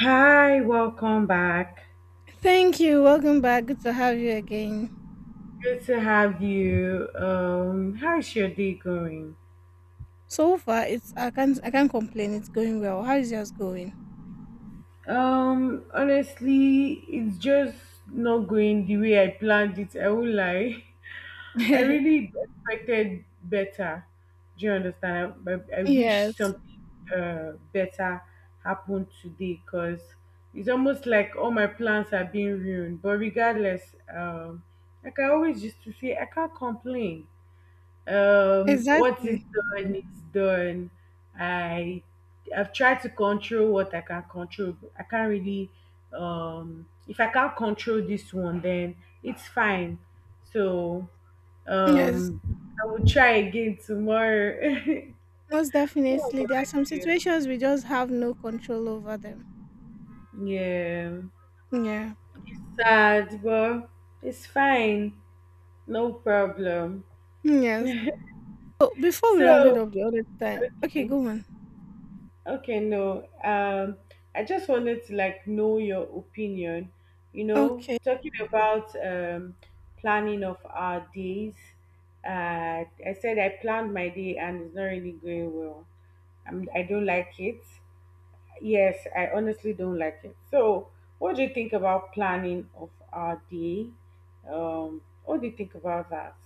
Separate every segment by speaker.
Speaker 1: Hi, welcome back.
Speaker 2: Thank you. Welcome back. Good to have you again.
Speaker 1: Good to have you. How's your day going?
Speaker 2: So far, it's I can't complain. It's going well. How is yours going?
Speaker 1: Honestly, it's just not going the way I planned it. I won't lie. I really expected better. Do you understand? I wish
Speaker 2: Yes,
Speaker 1: something better happened today because it's almost like all my plans are being ruined. But regardless, I can always just to say I can't complain. What is
Speaker 2: exactly.
Speaker 1: done is done. I i've tried to control what I can control. I can't really, if I can't control this one, then it's fine. So,
Speaker 2: Yes,
Speaker 1: um I will try again tomorrow.
Speaker 2: most
Speaker 1: What
Speaker 2: definitely. There are
Speaker 1: about
Speaker 2: some
Speaker 1: you?
Speaker 2: situations we just have no control over them.
Speaker 1: Yeah,
Speaker 2: Yeah.
Speaker 1: it's sad, but it's fine. No problem.
Speaker 2: Yes. So before we round it
Speaker 1: So,
Speaker 2: up the other time, okay,
Speaker 1: okay.
Speaker 2: go on.
Speaker 1: Okay, no. I just wanted to like know your opinion. You know,
Speaker 2: Okay.
Speaker 1: talking about planning of our days. I said I planned my day and it's not really going well. I don't like it. Yes, I honestly don't like it. So, what do you think about planning of our day? What do you think about that?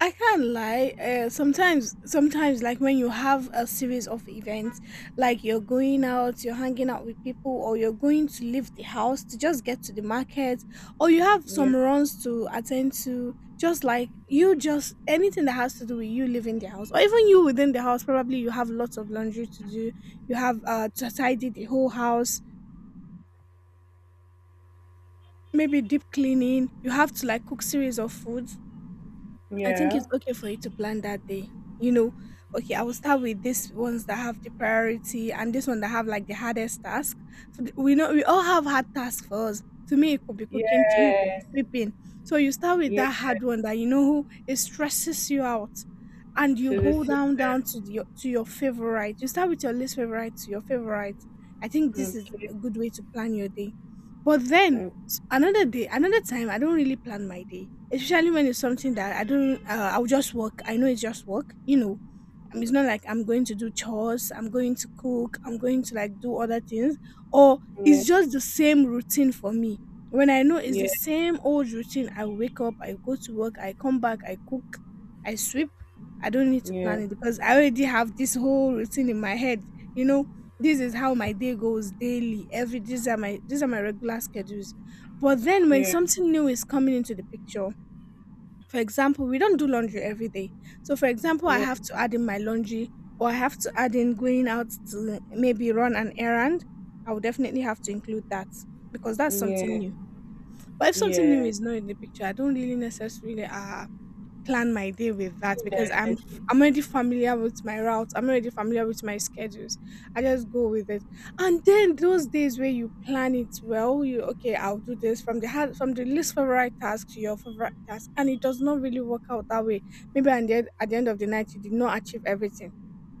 Speaker 2: I can't lie. Sometimes, like when you have a series of events, like you're going out, you're hanging out with people, or you're going to leave the house to just get to the market, or you have
Speaker 1: Yeah,
Speaker 2: some runs to attend to, just like just anything that has to do with you leaving the house, or even you within the house, probably you have lots of laundry to do, you have to tidy the whole house, maybe deep cleaning, you have to like cook series of foods. I think
Speaker 1: yeah,
Speaker 2: it's okay for you to plan that day. You know, okay, I will start with these ones that have the priority and this one that have like the hardest task. So we know we all have hard tasks for us. To me, it could be cooking. To you, it could be
Speaker 1: yes,
Speaker 2: sleeping. So you start with
Speaker 1: yeah.
Speaker 2: that hard one that you know it stresses you out, and you
Speaker 1: To the
Speaker 2: go down
Speaker 1: simplest.
Speaker 2: down to the, your to your favorite. You start with your least favorite to your favorite. I think this is
Speaker 1: Okay.
Speaker 2: a good way to plan your day. But then
Speaker 1: Mm.
Speaker 2: Another day, another time, I don't really plan my day, especially when it's something that I don't. I'll just work. I know it's just work, you know. It's not like I'm going to do chores, I'm going to cook, I'm going to like do other things, or
Speaker 1: Yeah,
Speaker 2: it's just the same routine for me. When I know it's the
Speaker 1: yeah,
Speaker 2: same old routine, I wake up, I go to work, I come back, I cook, I sweep. I don't need to
Speaker 1: yeah,
Speaker 2: plan it because I already have this whole routine in my head. You know, this is how my day goes daily. Every These are my regular schedules. But then when
Speaker 1: yeah,
Speaker 2: something new is coming into the picture, for example, we don't do laundry every day. So, for example, I
Speaker 1: yeah,
Speaker 2: have to add in my laundry or I have to add in going out to maybe run an errand. I will definitely have to include that because that's something
Speaker 1: yeah,
Speaker 2: new. But if something new
Speaker 1: yeah.
Speaker 2: is not in the picture, I don't really necessarily plan my day with that
Speaker 1: Think
Speaker 2: because
Speaker 1: that, I think—
Speaker 2: I'm already familiar with my routes. I'm already familiar with my schedules. I just go with it. And then those days where you plan it well, you okay, I'll do this from from the least favorite task to your favorite task, and it does not really work out that way. Maybe at at the end of the night, you did not achieve everything.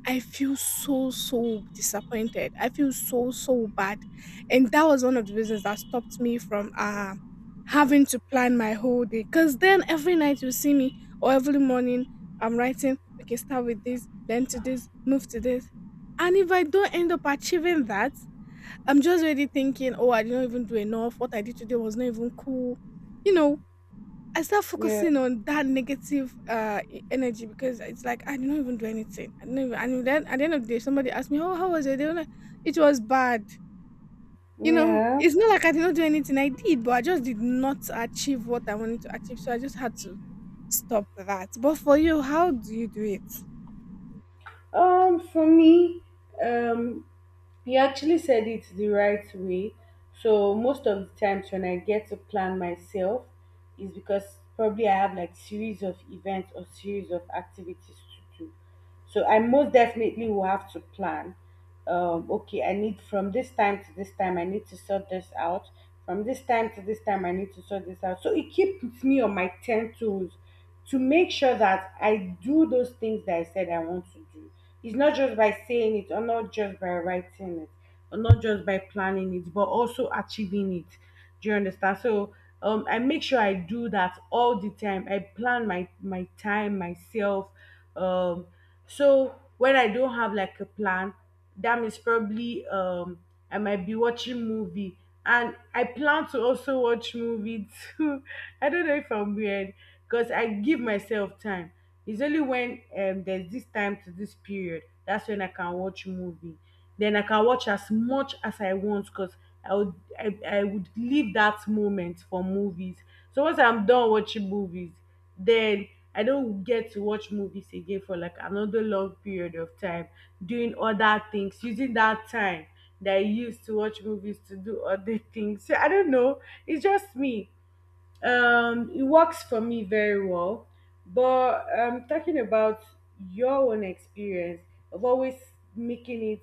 Speaker 2: I feel so, so disappointed. I feel so, so bad. And that was one of the reasons that stopped me from having to plan my whole day. Cause then every night you see me or every morning I'm writing, okay, start with this, then to this, move to this. And if I don't end up achieving that, I'm just already thinking, oh, I didn't even do enough. What I did today was not even cool. You know, I start
Speaker 1: Yeah,
Speaker 2: focusing on that negative energy because it's like I didn't even do anything. I didn't even, and then at the end of the day, somebody asked me, "Oh, how was your day?" I'm like, it was bad. You know,
Speaker 1: yeah.
Speaker 2: it's not like I did not do anything. I did, but I just did not achieve what I wanted to achieve. So I just had to stop that. But for you, how do you do it?
Speaker 1: For me, um, you actually said it the right way. So most of the times when I get to plan myself is because probably I have like series of events or series of activities to do. So I most definitely will have to plan. Okay, I need from this time to this time, I need to sort this out. From this time to this time, I need to sort this out. So it keeps me on my 10 toes to make sure that I do those things that I said I want to do. It's not just by saying it, or not just by writing it, or not just by planning it, but also achieving it. Do you understand? So, I make sure I do that all the time. I plan my time myself. um so when I don't have like a plan, that means probably, I might be watching movie, and I plan to also watch movie too. I don't know if I'm weird, because I give myself time. It's only when, there's this time to this period, that's when I can watch movie. Then I can watch as much as I want because I would leave that moment for movies. So once I'm done watching movies, then I don't get to watch movies again for like another long period of time, doing other things, using that time that I used to watch movies to do other things. So I don't know. It's just me. It works for me very well, but talking about your own experience of always making it,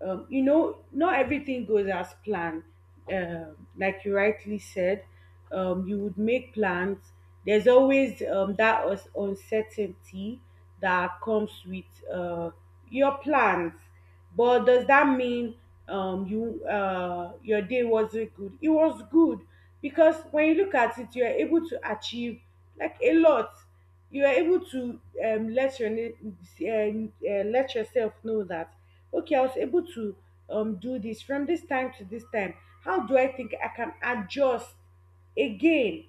Speaker 1: not everything goes as planned. Like you rightly said, you would make plans. There's always, that uncertainty that comes with, uh, your plans. But does that mean, your day wasn't good? It was good, because when you look at it, you're able to achieve like a lot. You are able to, let let yourself know that, okay, I was able to, do this from this time to this time. How do I think I can adjust again?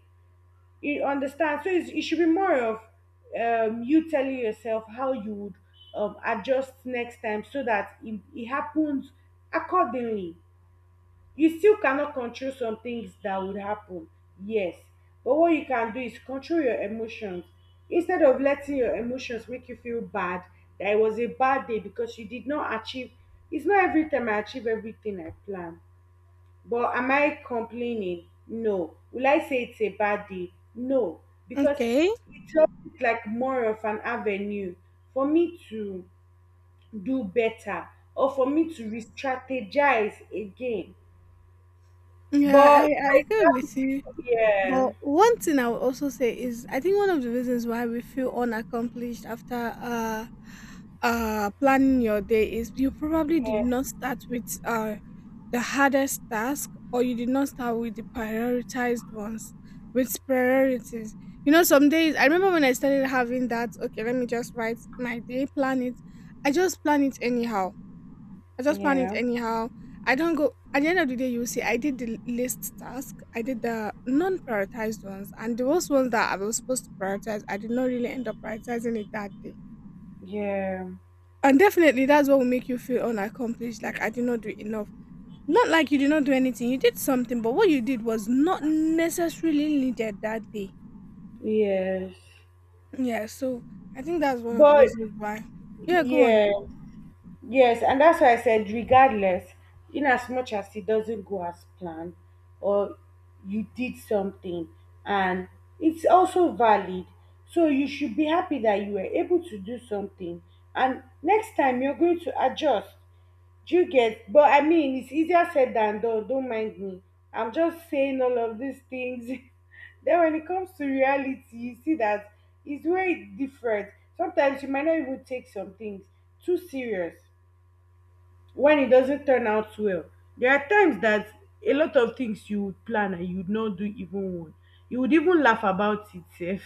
Speaker 1: You understand? So it should be more of, you telling yourself how you would, adjust next time so that it happens accordingly. You still cannot control some things that would happen. Yes, but what you can do is control your emotions, instead of letting your emotions make you feel bad that it was a bad day because you did not achieve. It's not every time I achieve everything I plan, but am I complaining? No. Will I say it's a bad day? No. Because
Speaker 2: Okay.
Speaker 1: it's always like more of an avenue for me to do better, or for me to re-strategize again.
Speaker 2: Yeah, I
Speaker 1: But if
Speaker 2: I
Speaker 1: I
Speaker 2: agree
Speaker 1: start
Speaker 2: with you.
Speaker 1: with, yeah,
Speaker 2: But one thing I would also say is I think one of the reasons why we feel unaccomplished after planning your day is you probably did
Speaker 1: yeah,
Speaker 2: not start with the hardest task or you did not start with the prioritized ones with priorities. You know, some days I remember when I started having that, okay, let me just write my day, plan it. I just plan it anyhow I just plan it
Speaker 1: yeah.
Speaker 2: anyhow. I don't go at the end of the day you see I did the list task, I did the non prioritized ones and those ones that I was supposed to prioritize, I did not really end up prioritizing it that day.
Speaker 1: Yeah.
Speaker 2: And definitely that's what will make you feel unaccomplished, like I did not do enough. Not like you did not do anything, you did something, but what you did was not necessarily needed that day.
Speaker 1: Yes.
Speaker 2: Yeah, so I think that's one of the
Speaker 1: But
Speaker 2: reasons why. Yeah, go on.
Speaker 1: yeah, yes, and that's why I said, regardless, in as much as it doesn't go as planned, or you did something, and it's also valid. So you should be happy that you were able to do something, and next time you're going to adjust. Do you get? But I mean, it's easier said than done. Don't mind me, I'm just saying all of these things. Then when it comes to reality, you see that it's very different. Sometimes you might not even take some things too serious when it doesn't turn out well. There are times that a lot of things you would plan and you would not do even one. You would even laugh about it sef.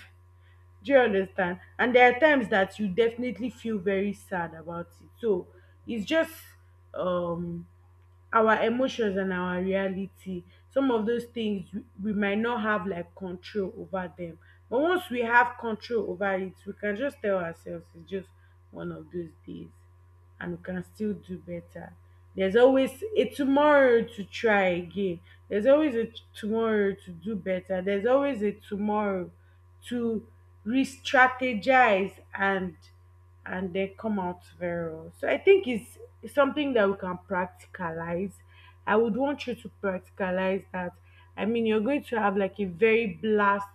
Speaker 1: Do you understand? And there are times that you definitely feel very sad about it. So it's just, um our emotions and our reality. Some of those things we might not have like control over them. But once we have control over it, we can just tell ourselves it's just one of those days, and we can still do better. There's always a tomorrow to try again. There's always a tomorrow to do better. There's always a tomorrow to re strategize, and they come out very well. So I think it's something that we can practicalize. I would want you to practicalize that. I mean, you're going to have like a very blast,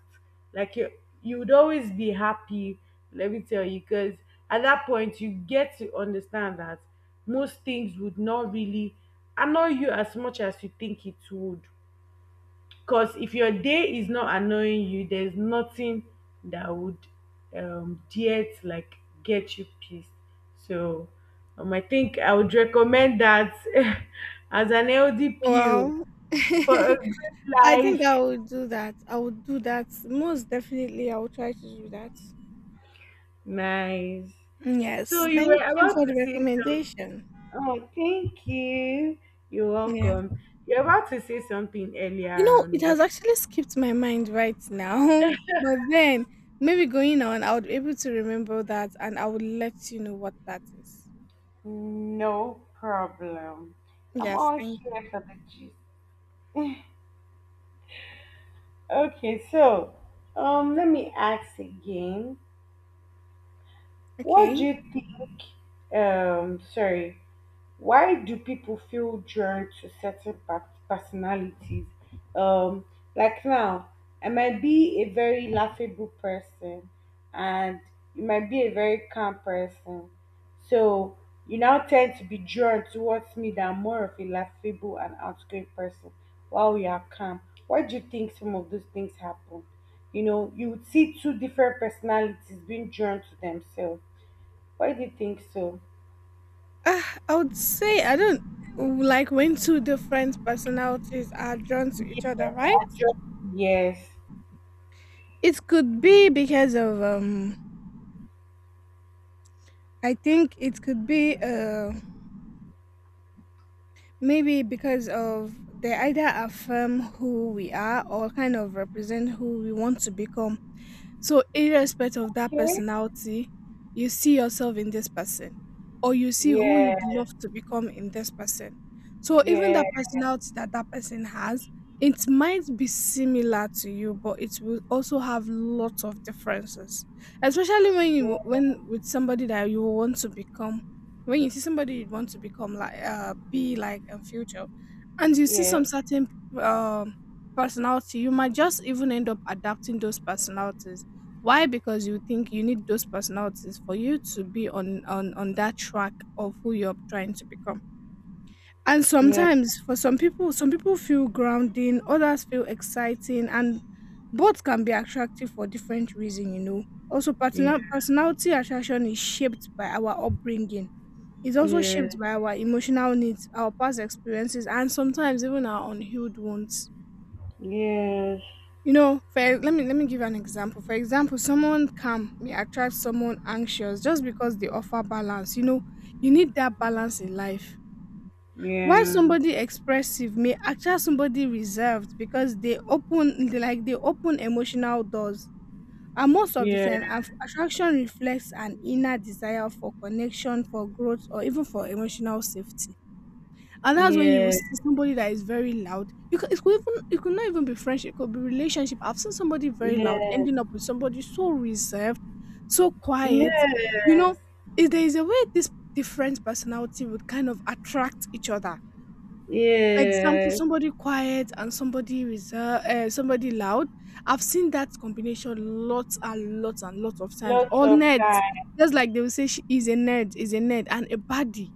Speaker 1: like you, you would always be happy, let me tell you, because at that point you get to understand that most things would not really annoy you as much as you think it would. Because if your day is not annoying you, there's nothing that would, dare to like get you pissed. So, I think I would recommend that as an LDPO
Speaker 2: Well.
Speaker 1: for a good
Speaker 2: I think
Speaker 1: life.
Speaker 2: I will do that. I will do that. Most definitely, I will try to do that.
Speaker 1: Nice.
Speaker 2: Mm,
Speaker 1: So
Speaker 2: yes.
Speaker 1: you were
Speaker 2: Thank you
Speaker 1: about
Speaker 2: for the
Speaker 1: to say some.
Speaker 2: recommendation.
Speaker 1: Oh, thank you. You're
Speaker 2: Yeah.
Speaker 1: welcome. You're about to say something
Speaker 2: You
Speaker 1: earlier
Speaker 2: know, it
Speaker 1: on. When—
Speaker 2: has actually skipped my mind right now. But then, maybe going on, I would be able to remember that and I would let you know what that is.
Speaker 1: No problem. I'm
Speaker 2: Yes.
Speaker 1: all
Speaker 2: Thank
Speaker 1: here for the gist. Okay, so let me ask again.
Speaker 2: you.
Speaker 1: What do
Speaker 2: Okay.
Speaker 1: you think? Sorry. Why do people feel drawn to certain personalities? Um, like now, I might be a very laughable person, and you might be a very calm person. So you now tend to be drawn towards me that I'm more of a laughable and outgoing person while you are calm. Why do you think some of those things happen? You know, you would see two different personalities being drawn to themselves. Why do you think so?
Speaker 2: Uh, I would say, I don't like when two different personalities are drawn to each other, right?
Speaker 1: Yes.
Speaker 2: It could be because of, I think it could be, maybe because of they either affirm who we are or kind of represent who we want to become. So, irrespective of that
Speaker 1: Okay.
Speaker 2: personality, you see yourself in this person, or you see who
Speaker 1: Yeah,
Speaker 2: you'd love to become in this person. So, even
Speaker 1: yeah,
Speaker 2: that personality that that person has, it might be similar to you, but it will also have lots of differences. Especially when you
Speaker 1: yeah,
Speaker 2: when with somebody that you want to become, when you see somebody you want to become like be like in future, and you see
Speaker 1: yeah,
Speaker 2: some certain um personality, you might just even end up adapting those personalities why? Because you think you need those personalities for you to be on that track of who you're trying to become. And
Speaker 1: yeah,
Speaker 2: sometimes for some people feel grounding, others feel exciting, and both can be attractive for different reasons, you know. Also,
Speaker 1: yeah,
Speaker 2: personality attraction is shaped by our upbringing. It's also shaped
Speaker 1: yes,
Speaker 2: by our emotional needs, our past experiences, and sometimes even our unhealed wounds.
Speaker 1: yeah,
Speaker 2: You know, for let me give an example. For example, someone calm may attract someone anxious just because they offer balance. You know, you need that balance in life. Why
Speaker 1: yeah,
Speaker 2: somebody expressive may attract somebody reserved because they like they open emotional doors. And most of the time, attraction reflects an inner desire for connection, for growth, or even for emotional safety. And that's when you
Speaker 1: yeah,
Speaker 2: see somebody that is very loud. You could, it could not even be friendship. It could be relationship. I've seen somebody very loud ending up with somebody so reserved, so quiet.
Speaker 1: yeah,
Speaker 2: You know,
Speaker 1: yes,
Speaker 2: is a way this different personality would kind of attract each other. For example,
Speaker 1: yes,
Speaker 2: somebody quiet and somebody reserved, somebody loud. I've seen that combination lots and lots and lots of times.
Speaker 1: lots
Speaker 2: All
Speaker 1: of
Speaker 2: nerds,
Speaker 1: time,
Speaker 2: just like they will say, she is a nerd, and a baddie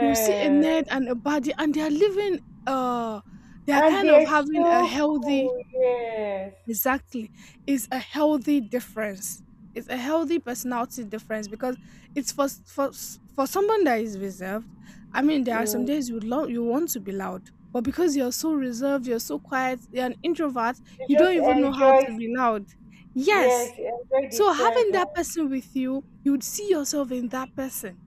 Speaker 2: you see a head and a body, and they are living, uh, they are
Speaker 1: and
Speaker 2: kind of
Speaker 1: they're
Speaker 2: having a
Speaker 1: so
Speaker 2: healthy
Speaker 1: cool, yes,
Speaker 2: exactly. Is a healthy difference. It's a healthy personality difference because it's for for someone that is reserved. I mean, there are some days
Speaker 1: mm.
Speaker 2: you want to be loud, but because you're so reserved, you're so quiet, you're an introvert,
Speaker 1: They
Speaker 2: you don't
Speaker 1: just
Speaker 2: even know how
Speaker 1: enjoy,
Speaker 2: to be loud. Yes.
Speaker 1: yes, enjoy the
Speaker 2: So having
Speaker 1: present,
Speaker 2: that person with you, you would see yourself in that person.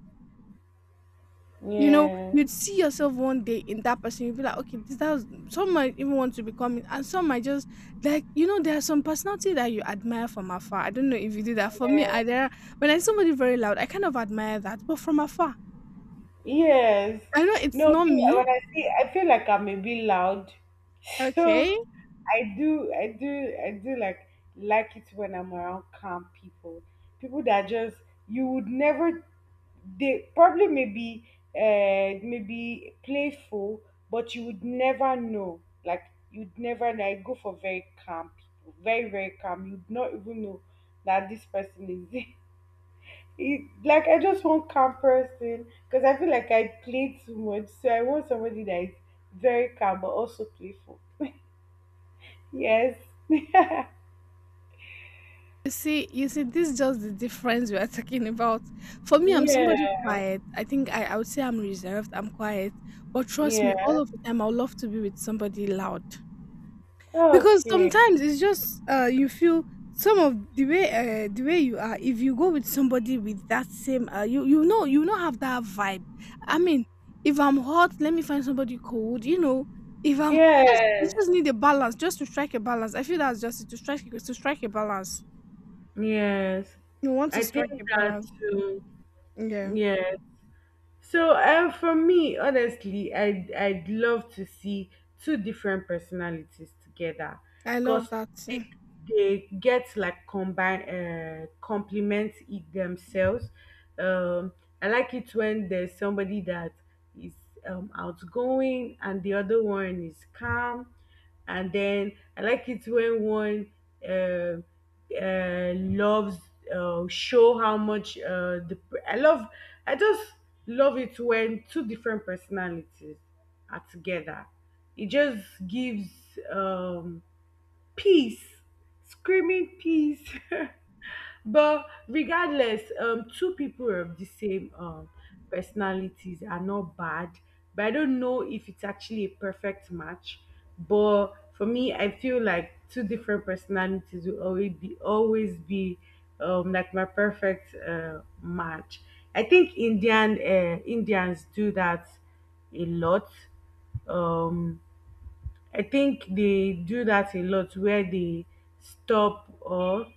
Speaker 2: You know,
Speaker 1: yes.
Speaker 2: you'd see yourself one day in that person. You'd be like, okay, this that's some might even want to become it, and some might just like you know, there are some personality that you admire from afar. I don't know if you do that. For me, I there when I see somebody very loud, I kind of admire that, but from afar.
Speaker 1: Yes.
Speaker 2: I know it's
Speaker 1: No,
Speaker 2: not
Speaker 1: me,
Speaker 2: me.
Speaker 1: when I see, I feel like I'm a bit loud. So
Speaker 2: Okay.
Speaker 1: I do like it when I'm around calm people. People that just you would never. They probably, maybe playful, but you would never know. Like you'd never know. I go for very calm people, very very calm. You'd not even know that this person is. Like I just want calm person, because I feel like I play too much. So I want somebody that is very calm but also playful. Yes.
Speaker 2: You see, this is just the difference we are talking about. For me, I'm somebody
Speaker 1: Yeah.
Speaker 2: quiet. I would say I'm reserved, I'm quiet. But trust me, all
Speaker 1: Yeah.
Speaker 2: of the time I would love to be with somebody loud. Because
Speaker 1: Okay.
Speaker 2: sometimes it's just you feel some of the way you are if you go with somebody with that same you you know you not have that vibe. I mean, if I'm hot, let me find somebody cold, you know. If I'm just you
Speaker 1: Yes.
Speaker 2: just need a balance, just to strike a balance. I feel that's just it, to strike a balance.
Speaker 1: Yes.
Speaker 2: You want to
Speaker 1: I think
Speaker 2: strike a
Speaker 1: that
Speaker 2: balance.
Speaker 1: too.
Speaker 2: Yeah.
Speaker 1: Yes. So, for me, honestly, I'd love to see two different personalities together,
Speaker 2: I love
Speaker 1: cause
Speaker 2: that. Yeah.
Speaker 1: they they get like combine, complement it themselves. Um, I like it when there's somebody that is, outgoing and the other one is calm, and then I like it when one, um loves, show how much, the I love I just love it when two different personalities are together. It just gives, um, peace, screaming peace. But regardless, two people of the same, personalities are not bad. But I don't know if it's actually a perfect match. But for me, I feel like two different personalities will always be, like my perfect, match. I think Indians do that a lot. Um, I think they do that a lot where they stop or